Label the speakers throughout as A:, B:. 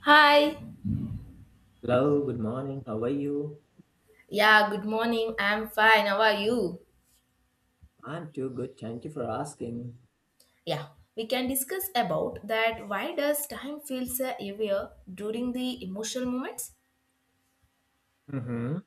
A: Hi.
B: Hello, good morning. How are you?
A: Yeah, good morning. I'm fine. How are you?
B: I'm too good. Thank you for asking.
A: Yeah, we can discuss about that, why does time feels heavier during the emotional moments?
B: Mm-hmm.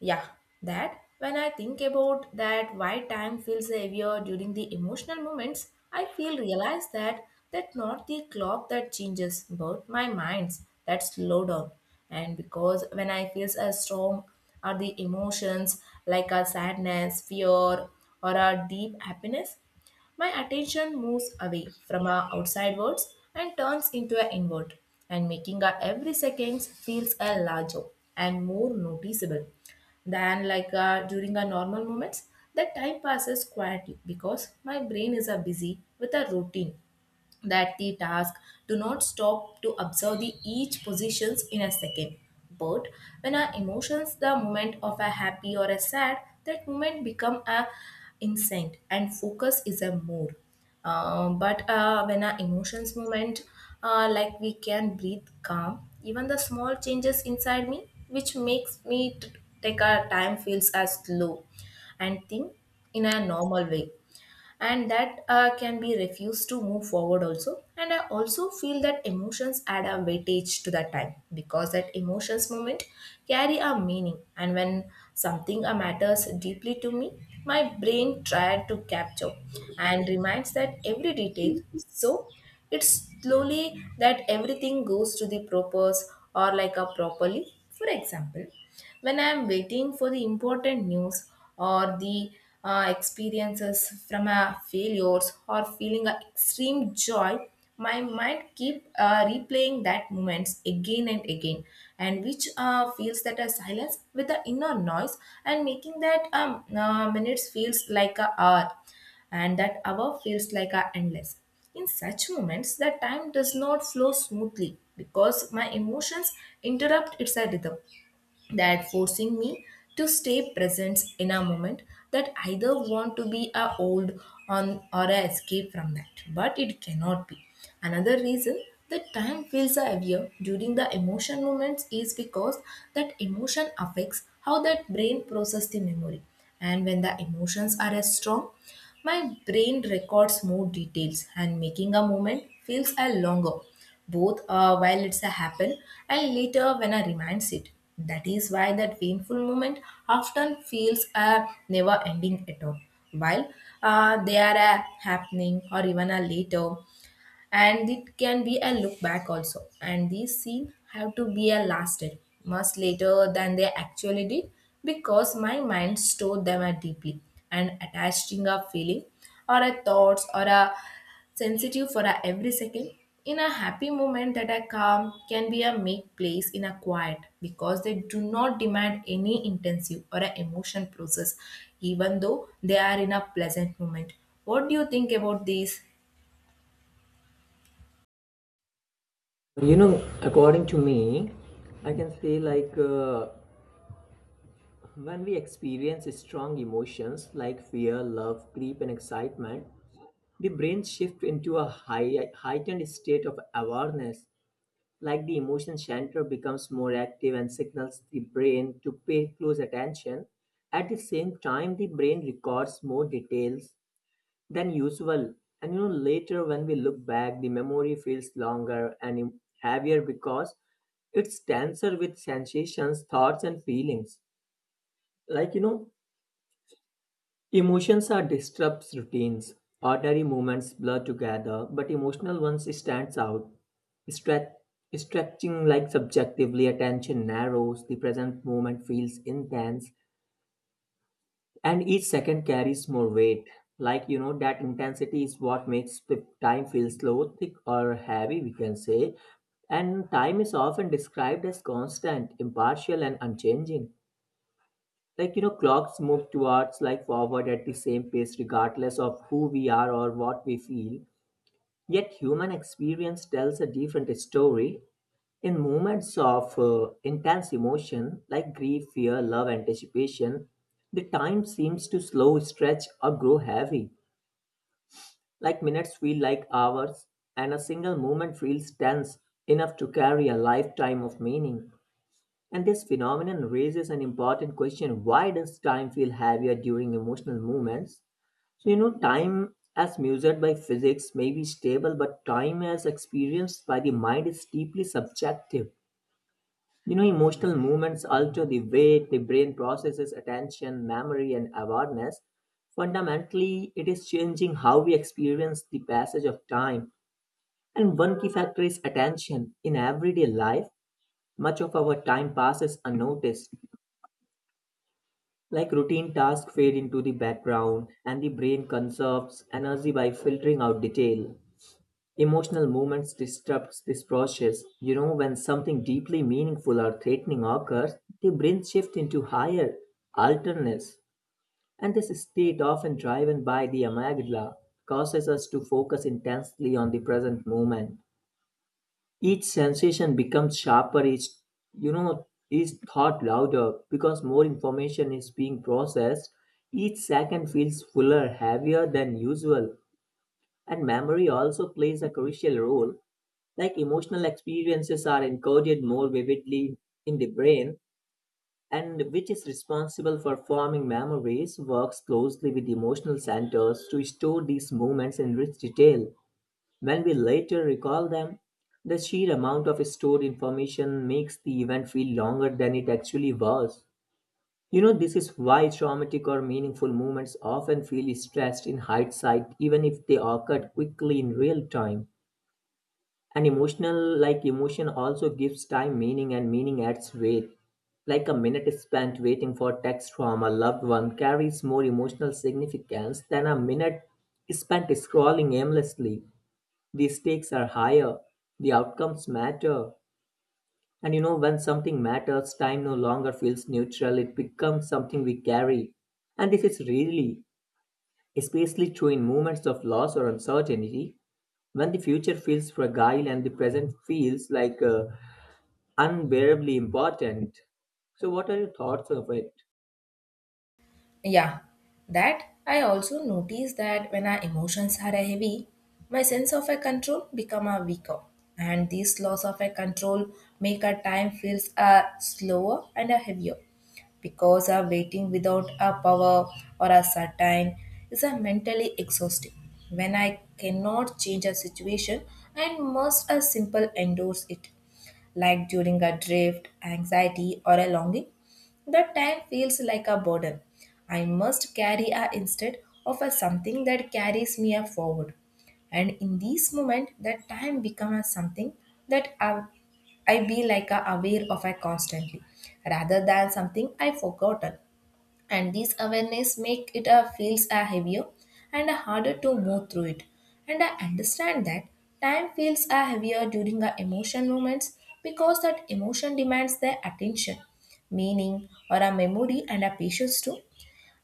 A: Yeah, that when I think about that why time feels heavier during the emotional moments, I feel realize that that not the clock that changes, but my mind's that slow down. And because when I feel as strong are the emotions like a sadness, fear, or a deep happiness, my attention moves away from our outside words and turns into an inward, and making our every seconds feels a larger and more noticeable. Then, like during our normal moments, that time passes quietly because my brain is busy with a routine, that the task do not stop to observe the each positions in a second. But when our emotions the moment of a happy or a sad, that moment become a instinct and focus is a mood. But when our emotions moment, like we can breathe calm, even the small changes inside me, which makes me take our time feels as slow and think in a normal way. And that can be refused to move forward also. And I also feel that emotions add a weightage to that time, because that emotions moment carry a meaning. And when something matters deeply to me, my brain tried to capture and reminds that every detail. So it's slowly that everything goes to the purpose, or like a properly. For example, when I am waiting for the important news or the experiences from a failures or feeling a extreme joy, my mind keep replaying that moments again and again, and which feels that a silence with the inner noise, and making that minutes feels like a hour, and that hour feels like a endless. In such moments, the time does not flow smoothly because my emotions interrupt its rhythm, that forcing me to stay present in a moment that either want to be a old on or a escape from, that but it cannot be. Another reason that time feels heavier during the emotion moments is because that emotion affects how that brain process the memory. And when the emotions are as strong, my brain records more details and making a moment feels a longer, both while it's a happen and later when I reminds it. That is why that painful moment often feels a never ending at all. While they are a happening or even a later, and it can be a look back also, and these scenes have to be a lasted much later than they actually did, because my mind stored them a deeply and attaching a feeling or a thoughts or a sensitive for a every second. In a happy moment, that a calm can be a make place in a quiet, because they do not demand any intensive or a emotion process, even though they are in a pleasant moment. What do you think about this?
B: You know, according to me, I can say when we experience strong emotions like fear, love, grief, and excitement, the brain shifts into a high, heightened state of awareness. Like the emotion center becomes more active and signals the brain to pay close attention. At the same time, the brain records more details than usual. And you know, later when we look back, the memory feels longer and heavier because it's denser with sensations, thoughts, and feelings. Like, you know, emotions are disrupts routines. Ordinary moments blur together, but emotional ones stands out. Stretch, stretching like subjectively, attention narrows. The present moment feels intense, and each second carries more weight, like you know, that intensity is what makes the time feel slow, thick, or heavy, we can say. And time is often described as constant, impartial, and unchanging. Like, you know, clocks move towards like forward at the same pace regardless of who we are or what we feel, yet human experience tells a different story. In moments of intense emotion like grief, fear, love, anticipation, the time seems to slow, stretch, or grow heavy. Like minutes feel like hours, and a single moment feels tense enough to carry a lifetime of meaning. And this phenomenon raises an important question: why does time feel heavier during emotional moments? So, you know, time as measured by physics may be stable, but time as experienced by the mind is deeply subjective. You know, emotional movements alter the way the brain processes attention, memory, and awareness. Fundamentally, it is changing how we experience the passage of time. And one key factor is attention. In everyday life, much of our time passes unnoticed. Like routine tasks fade into the background, and the brain conserves energy by filtering out detail. Emotional moments disrupts this process. You know, when something deeply meaningful or threatening occurs, the brain shifts into higher alertness, and this state, often driven by the amygdala, causes us to focus intensely on the present moment. Each sensation becomes sharper, each thought louder because more information is being processed. Each second feels fuller, heavier than usual, and memory also plays a crucial role. Like emotional experiences are encoded more vividly in the brain, and which is responsible for forming memories, works closely with emotional centers to store these moments in rich detail. When we later recall them, the sheer amount of stored information makes the event feel longer than it actually was. You know, this is why traumatic or meaningful moments often feel stressed in hindsight, even if they occurred quickly in real time. Like emotion, also gives time meaning, and meaning adds weight. Like a minute spent waiting for text from a loved one carries more emotional significance than a minute spent scrolling aimlessly. The stakes are higher, the outcomes matter. And you know, when something matters, time no longer feels neutral, it becomes something we carry. And this is really, especially true in moments of loss or uncertainty, when the future feels fragile and the present feels like unbearably important. So, what are your thoughts of it?
A: Yeah, that I also notice that when our emotions are heavy, my sense of a control become a weaker, and this loss of a control make our time feels slower and a heavier, because our waiting without a power or a certain is a mentally exhausting. When I cannot change a situation, and must a simple endorse it, like during a drift, anxiety, or a longing. The time feels like a burden. I must carry a instead of a something that carries me a forward. And in this moment, that time becomes something that I be like a aware of a constantly, rather than something I forgotten. And this awareness make it a feels a heavier and a harder to move through it. And I understand that time feels a heavier during our emotion moments, because that emotion demands their attention, meaning or a memory and a patience too,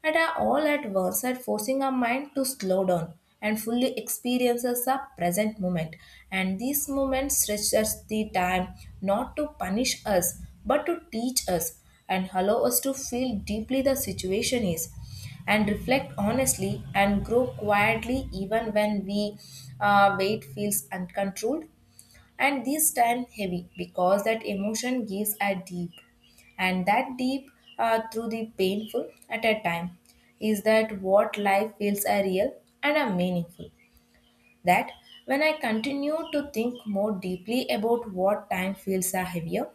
A: and are all at once, and forcing our mind to slow down and fully experiences our present moment. And these moments stretch us the time, not to punish us but to teach us, and allow us to feel deeply the situation is, and reflect honestly and grow quietly, even when we weight feels uncontrolled. And this time heavy because that emotion gives a deep, and that deep through the painful at a time is that what life feels a real and a meaningful. That when I continue to think more deeply about what time feels a heavier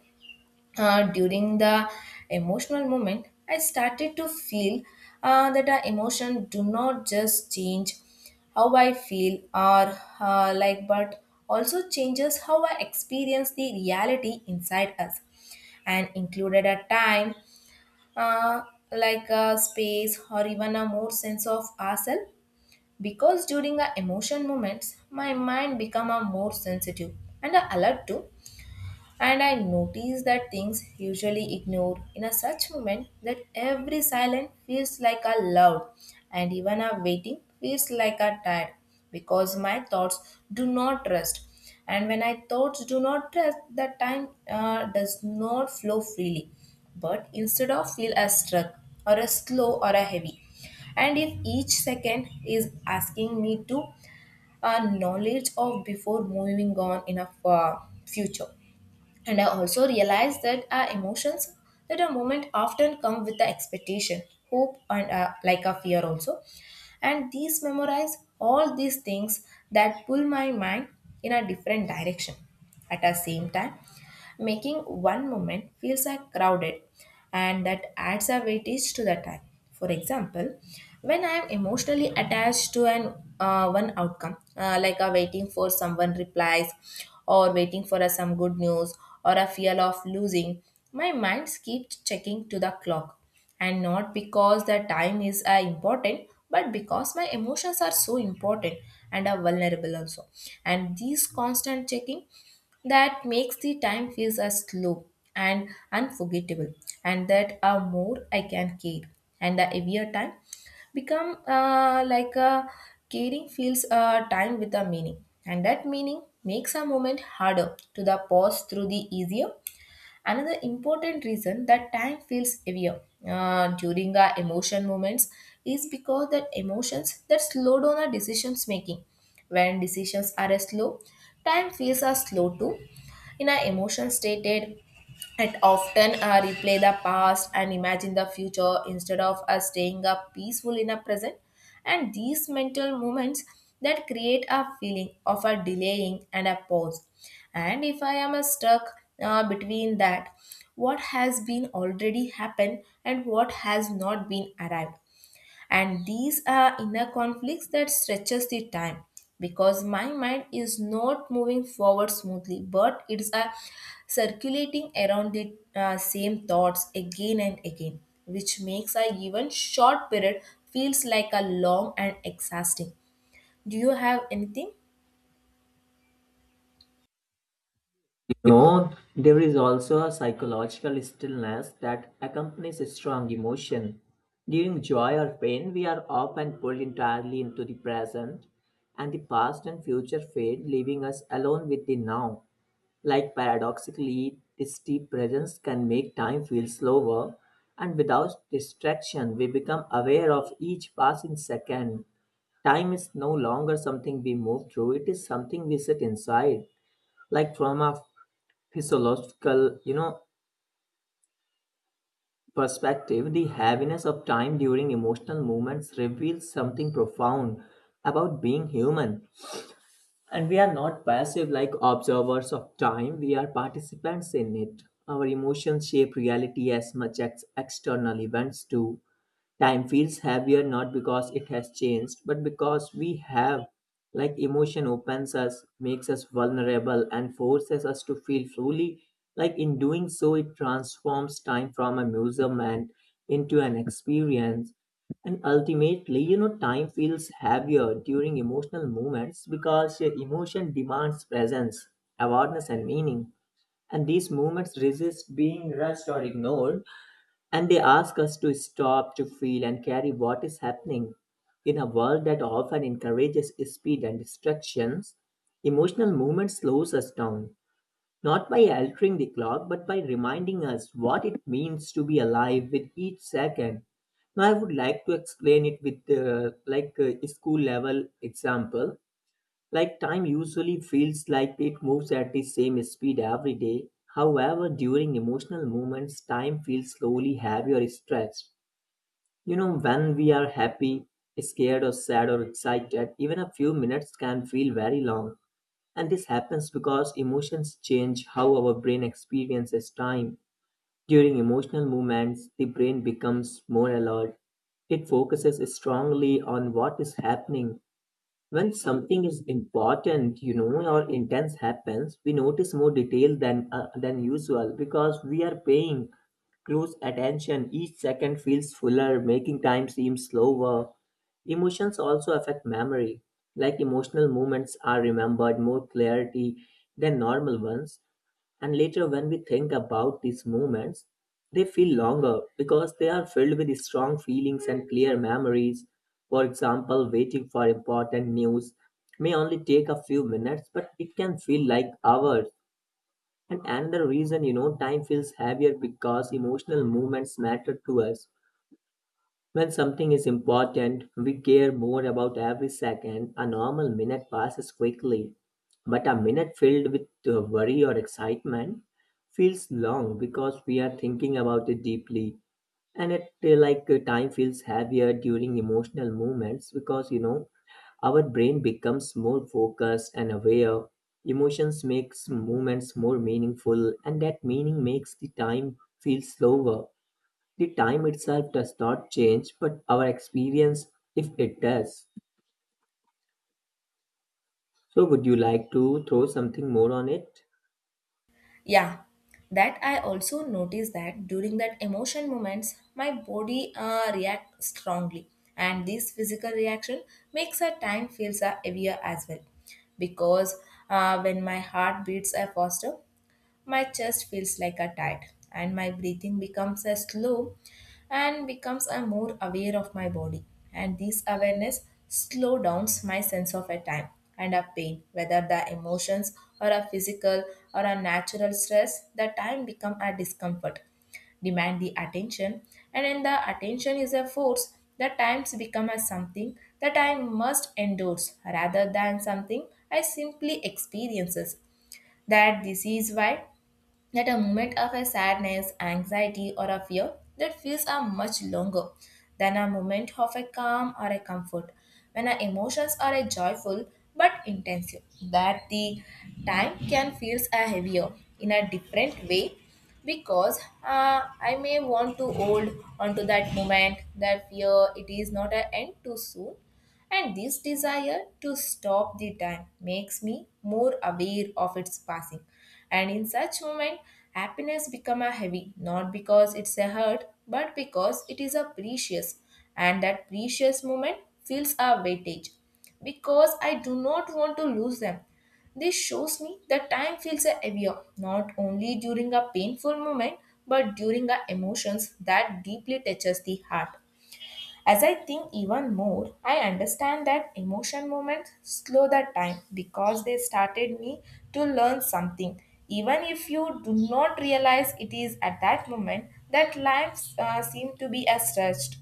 A: during the emotional moment, I started to feel that our emotion do not just change how I feel or like, but also changes how I experience the reality inside us, and included a time, uh, like a space or even a more sense of ourselves. Because during our emotion moments, my mind become a more sensitive and alert too, and I notice that things usually ignored in a such moment, that every silent feels like a loud and even a waiting feels like a tired, because my thoughts do not rest. And when my thoughts do not rest, the time does not flow freely, but instead of feel as struck or a slow or a heavy. And if each second is asking me to a knowledge of before moving on in a future. And I also realized that our emotions at a moment often come with the expectation, hope, and like a fear also. And these memorize all these things that pull my mind in a different direction. At the same time, making one moment feels like crowded, and that adds a weightage to the time. For example, when I am emotionally attached to an one outcome, like a waiting for someone replies, or waiting for a, some good news, or a fear of losing, my mind keeps checking to the clock, and not because the time is important but because my emotions are so important and are vulnerable also. And these constant checking, that makes the time feels as slow and unforgettable. And that a more I can care, and the heavier time become, like a caring feels time with a meaning, and that meaning makes a moment harder to the pause through the easier. Another important reason that time feels heavier during our emotion moments is because that emotions that slow down our decisions making. When decisions are slow, time feels are slow too. In our emotion stated, it often replay the past and imagine the future instead of us staying up peaceful in a present. And these mental moments that create a feeling of a delaying and a pause. And if I am stuck between that, what has been already happened and what has not been arrived, and these are inner conflicts that stretches the time, because my mind is not moving forward smoothly, but it's a circulating around the same thoughts again and again, which makes a even short period feels like a long and exhausting. Do you have anything?
B: You know, there is also a psychological stillness that accompanies a strong emotion. During joy or pain, we are often pulled entirely into the present, and the past and future fade, leaving us alone with the now. Like paradoxically, this deep presence can make time feel slower, and without distraction, we become aware of each passing second. Time is no longer something we move through, it is something we sit inside. Like from a physiological, you know, perspective, the heaviness of time during emotional moments reveals something profound about being human. And we are not passive like observers of time, we are participants in it. Our emotions shape reality as much as external events do. Time feels heavier not because it has changed, but because we have. Like emotion opens us, makes us vulnerable, and forces us to feel fully. Like in doing so, it transforms time from a museum and into an experience. And ultimately, you know, time feels heavier during emotional moments because emotion demands presence, awareness, and meaning. And these moments resist being rushed or ignored, and they ask us to stop, to feel, and carry what is happening. In a world that often encourages speed and distractions, emotional movement slows us down, not by altering the clock, but by reminding us what it means to be alive with each second. Now, I would like to explain it with a school level example. Like time usually feels like it moves at the same speed every day. However, during emotional moments, time feels slowly heavy or stretched. You know, when we are happy, scared, or sad, or excited, even a few minutes can feel very long. And this happens because emotions change how our brain experiences time. During emotional movements, the brain becomes more alert. It focuses strongly on what is happening when something is important, you know, or intense happens, we notice more detail than usual because we are paying close attention. Each second feels fuller, making time seem slower. Emotions also affect memory. Like emotional moments are remembered more clarity than normal ones. And later, when we think about these moments, they feel longer because they are filled with strong feelings and clear memories. For example, waiting for important news may only take a few minutes, but it can feel like hours. And another reason, you know, time feels heavier because emotional moments matter to us. When something is important, we care more about every second. A normal minute passes quickly, but a minute filled with worry or excitement feels long because we are thinking about it deeply. And it like Time feels heavier during emotional moments because you know our brain becomes more focused and aware. Emotions makes moments more meaningful, and that meaning makes the time feel slower. The time itself does not change, but our experience, if it does. So, would you like to throw something more on it?
A: Yeah, that I also noticed that during that emotion moments, my body reacts strongly, and this physical reaction makes a time feels heavier as well. Because when my heart beats faster, my chest feels like a tight, and my breathing becomes a slow and becomes a more aware of my body. And this awareness slow downs my sense of a time and a pain, whether the emotions or a physical or a natural stress, the time become a discomfort demand the attention. And when the attention is a force, the times become as something that I must endorse rather than something I simply experiences. That this is why that a moment of a sadness, anxiety, or a fear that feels are much longer than a moment of a calm or a comfort. When our emotions are a joyful but intensive, that the time can feels a heavier in a different way, because I may want to hold onto that moment that fear it is not an end too soon, and this desire to stop the time makes me more aware of its passing. And in such moment, happiness become a heavy, not because it's a hurt, but because it is a precious. And that precious moment feels a weightage because I do not want to lose them. This shows me that time feels heavier not only during a painful moment, but during our emotions that deeply touches the heart. As I think even more, I understand that emotion moments slow the time because they started me to learn something. Even if you do not realize it is at that moment that life seemed to be a stretched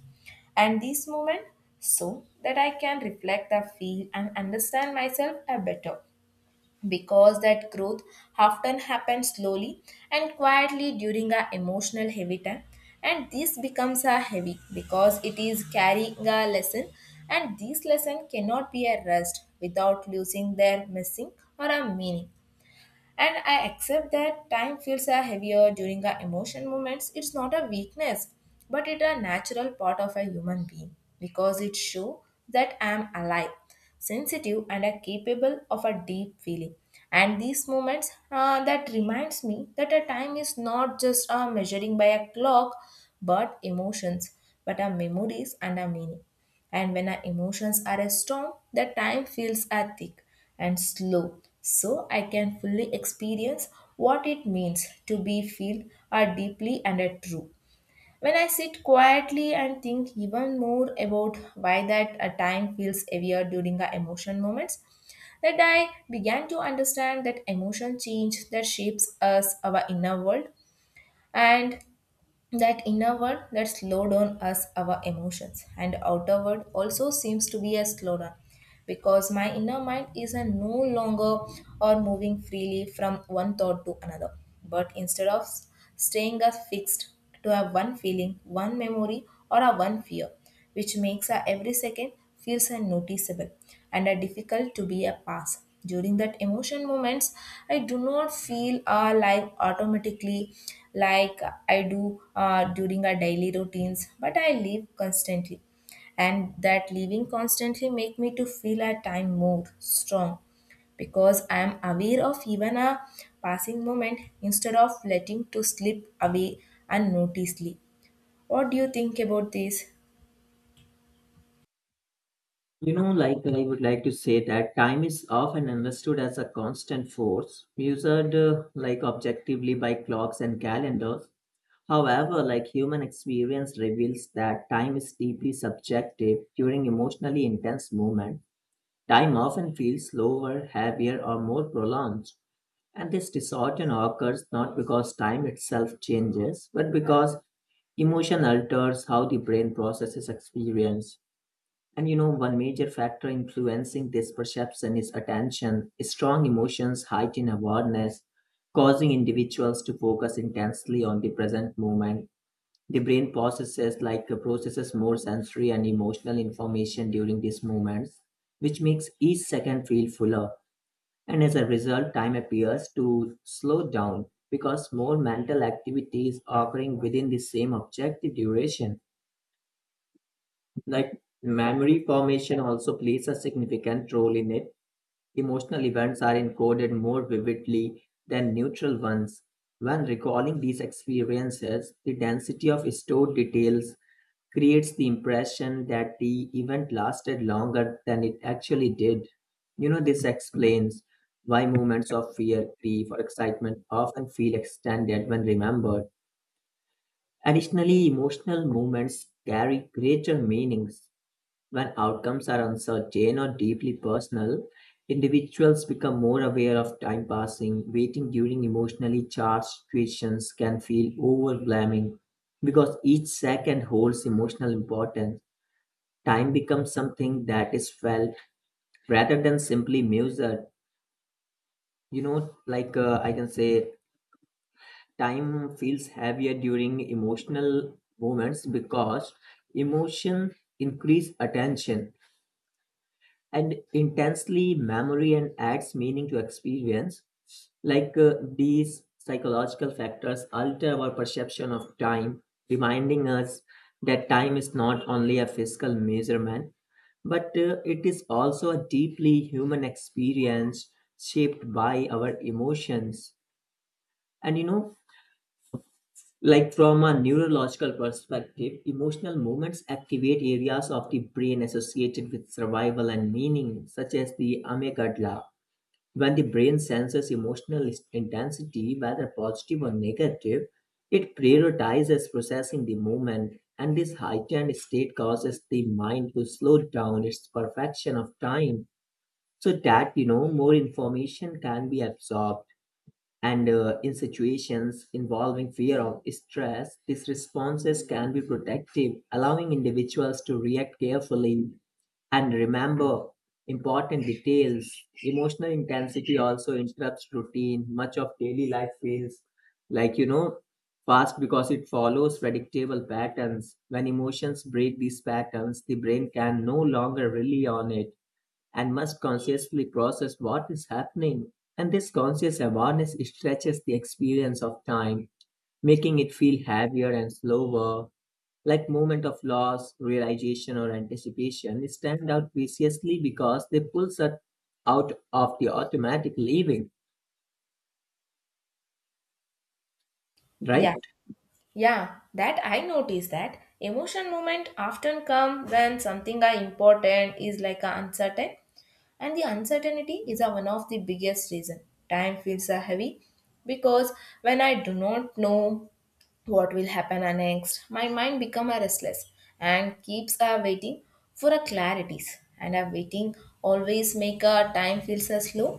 A: and this moment so that I can reflect the feel and understand myself a better because that growth often happens slowly and quietly during our emotional heavy time, and this becomes a heavy because it is carrying a lesson, and this lesson cannot be a rest without losing their missing or a meaning. And I accept that time feels a heavier during our emotion moments. It's not a weakness, but it's a natural part of a human being because it shows that I am alive, sensitive, and a capable of a deep feeling. And these moments that reminds me that a time is not just a measuring by a clock, but emotions, but our memories and our meaning. And when our emotions are a storm, the time feels are thick and slow. So I can fully experience what it means to be feel are deeply and are true. When I sit quietly and think even more about why that a time feels heavier during our emotion moments, that I began to understand that emotion change that shapes us our inner world, and that inner world that slowed down us our emotions and outer world also seems to be a slowdown because my inner mind is a no longer or moving freely from one thought to another. But instead of staying us fixed to a one feeling, one memory or a one fear, which makes our every second feels unnoticeable and are difficult to be a pass. During that emotion moments, I do not feel life automatically like I do during our daily routines, but I live constantly. And that living constantly make me to feel at time more strong because I am aware of even a passing moment instead of letting to slip away unnoticedly. What do you think about this?
B: You know, like I would like to say that time is often understood as a constant force, measured like objectively by clocks and calendars. However, like human experience reveals that time is deeply subjective during emotionally intense moments. Time often feels slower, heavier, or more prolonged. And this distortion occurs not because time itself changes, but because emotion alters how the brain processes experience. And you know, one major factor influencing this perception is attention. Strong emotions heighten awareness, causing individuals to focus intensely on the present moment. The brain processes more sensory and emotional information during these moments, which makes each second feel fuller. And as a result, time appears to slow down because more mental activity is occurring within the same objective duration. Like memory formation also plays a significant role in it. Emotional events are encoded more vividly than neutral ones. When recalling these experiences, the density of stored details creates the impression that the event lasted longer than it actually did. You know, this explains why moments of fear, grief, or excitement often feel extended when remembered. Additionally, emotional moments carry greater meanings. When outcomes are uncertain or deeply personal, individuals become more aware of time passing. Waiting during emotionally charged situations can feel overwhelming because each second holds emotional importance. Time becomes something that is felt rather than simply measured. You know, I can say time feels heavier during emotional moments because emotion increase attention and intensely memory and adds meaning to experience. These psychological factors alter our perception of time, reminding us that time is not only a physical measurement, but it is also a deeply human experience shaped by our emotions. And you know, like from a neurological perspective, emotional moments activate areas of the brain associated with survival and meaning, such as the amygdala, when the brain senses intensity, whether positive or negative, it prioritizes processing the moment, and this heightened state causes the mind to slow down its perfection of time so that you know more information can be absorbed. And In situations involving fear or stress, these responses can be protective, allowing individuals to react carefully and remember important details. Emotional intensity also interrupts routine. Much of daily life feels like, you know, fast because it follows predictable patterns. When emotions break these patterns, the brain can no longer rely on it and must consciously process what is happening. And this conscious awareness stretches the experience of time, making it feel heavier and slower, like moment of loss, realization, or anticipation, stand out preciously because they pulls us out of the automatic living,
A: Yeah.
B: right?
A: Yeah, that I noticed that emotion moment often come when something are important is like a uncertain, and the uncertainty is a one of the biggest reason. Time feels a heavy because when I do not know what will happen next, my mind become a restless and keeps waiting for a clarities, and a waiting always make a time feels a slow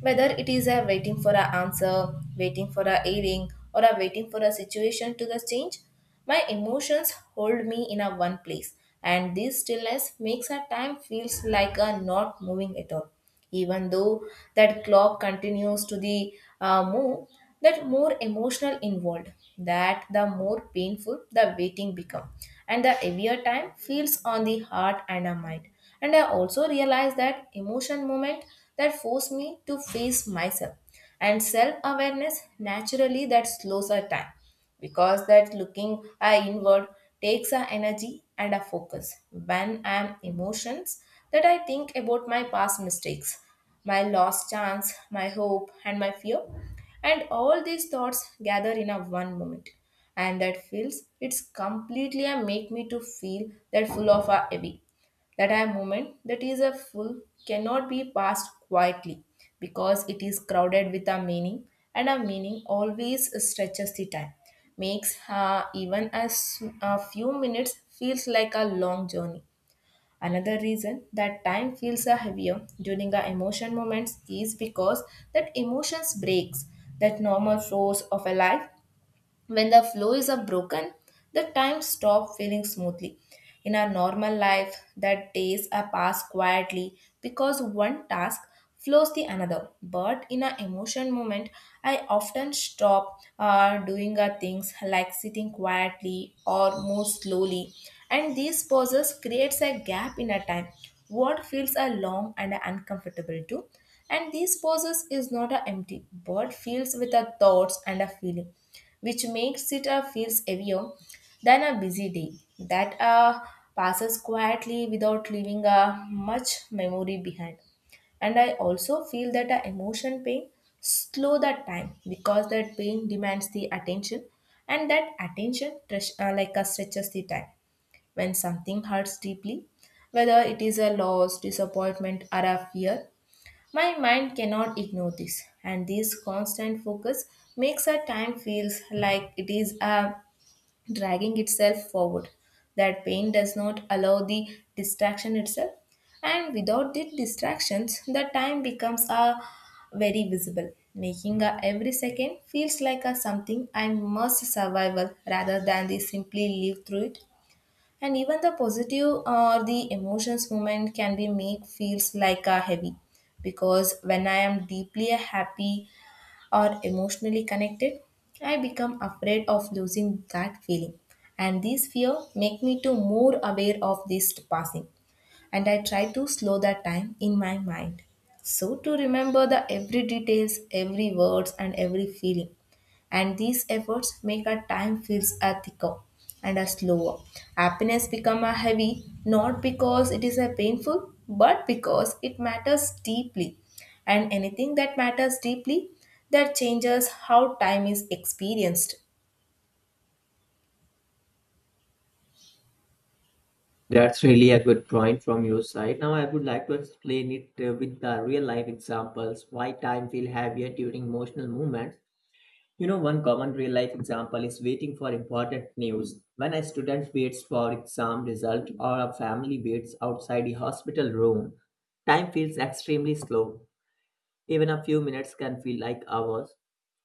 A: whether it is a waiting for an answer, waiting for a hearing, or a waiting for a situation to the change. My emotions hold me in a one place, and this stillness makes a time feels like a not moving at all. Even though that clock continues to the move, that more emotional involved, that the more painful the waiting become, and the heavier time feels on the heart and the mind. And I also realize that emotion moment that force me to face myself, and self awareness naturally that slows our time because that looking inward takes a energy and a focus. When I am emotions, that I think about my past mistakes, my lost chance, my hope, and my fear, and all these thoughts gather in a one moment, and that feels it's completely a make me to feel that full of a heavy. That a moment that is a full cannot be passed quietly because it is crowded with a meaning, and a meaning always stretches the time, makes even as a few minutes feels like a long journey. Another reason that time feels a heavier during the emotion moments is because that emotions breaks that normal flows of a life. When the flow is up broken, the time stops feeling smoothly. In our normal life, that days are passed quietly because one task flows the another. But in an emotion moment, I often stop doing our things like sitting quietly or move slowly. And these pauses creates a gap in our time. What feels are long and are uncomfortable too. And these pauses is not a empty, but fills with our thoughts and a feeling, which makes it feels heavier than a busy day that passes quietly without leaving much memory behind. And I also feel that emotion pain slow that time because that pain demands the attention, and that attention stretches the time. When something hurts deeply, whether it is a loss, disappointment, or a fear, my mind cannot ignore this, and this constant focus makes our time feels like it is dragging itself forward. That pain does not allow the distraction itself, and without the distractions, the time becomes very visible, making every second feels like a something I must survival rather than the simply live through it. And even the positive or the emotions moment can be make feels like a heavy because when I am deeply happy or emotionally connected, I become afraid of losing that feeling, and this fear make me to more aware of this passing, and I try to slow that time in my mind. So to remember the every details, every words and every feeling. And these efforts make our time feels a thicker and a slower. Happiness become a heavy not because it is a painful but because it matters deeply. And anything that matters deeply that changes how time is experienced.
B: That's really a good point from your side. Now, I would like to explain it with the real life examples why time feel heavier during emotional moments. You know, one common real life example is waiting for important news. When a student waits for exam result or a family waits outside the hospital room, time feels extremely slow. Even a few minutes can feel like hours.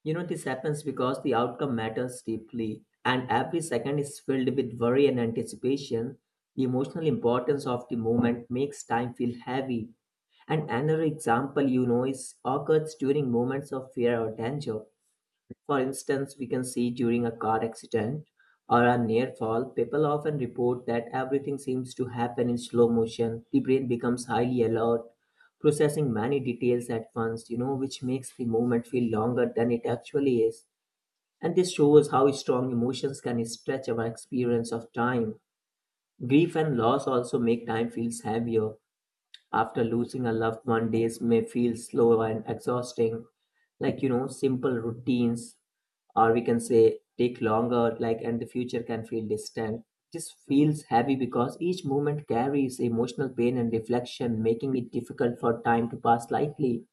B: You know, this happens because the outcome matters deeply, and every second is filled with worry and anticipation. The emotional importance of the moment makes time feel heavy. And another example you know is occurs during moments of fear or danger. For instance, we can see during a car accident or a near fall, people often report that everything seems to happen in slow motion. The brain becomes highly alert, processing many details at once, you know, which makes the moment feel longer than it actually is. And this shows how strong emotions can stretch our experience of time. Grief and loss also make time feel heavier. After losing a loved one, days may feel slow and exhausting, like you know simple routines, or we can say take longer, like, and the future can feel distant. This feels heavy because each moment carries emotional pain and reflection, making it difficult for time to pass lightly.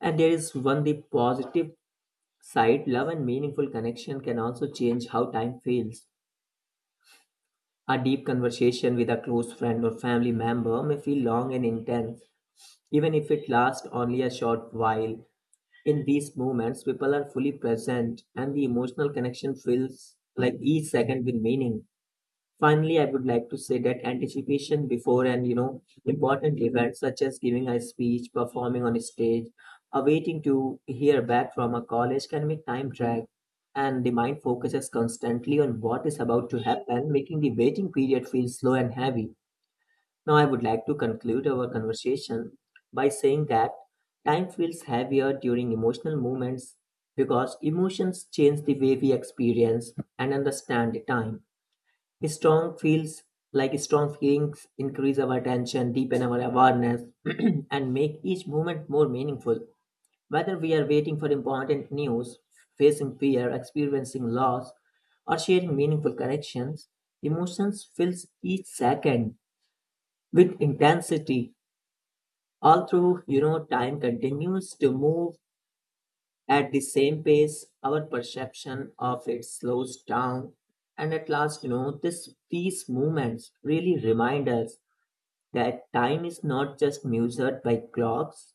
B: And there is one, the positive side, love and meaningful connection can also change how time feels. A deep conversation with a close friend or family member may feel long and intense, even if it lasts only a short while. In these moments, people are fully present and the emotional connection feels like each second with meaning. Finally, I would like to say that anticipation before and you know important events such as giving a speech, performing on a stage, awaiting to hear back from a college can make time drag, and the mind focuses constantly on what is about to happen, making the waiting period feel slow and heavy. Now, I would like to conclude our conversation by saying that time feels heavier during emotional moments because emotions change the way we experience and understand the time. Strong feels like Strong feelings increase our attention, deepen our awareness, and make each moment more meaningful. Whether we are waiting for important news, facing fear, experiencing loss, or sharing meaningful connections, emotions fills each second with intensity, all through you know time continues to move at the same pace, our perception of it slows down. And at last, you know, this these movements really remind us that time is not just measured by clocks,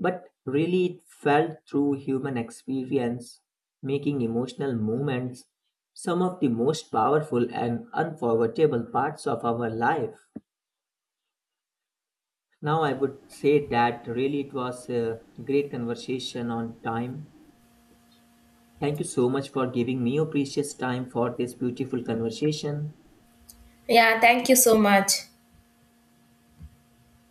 B: but really it felt through human experience, making emotional moments some of the most powerful and unforgettable parts of our life. Now I would say that really it was a great conversation on time. Thank you so much for giving me your precious time for this beautiful conversation.
A: Yeah, thank you so much.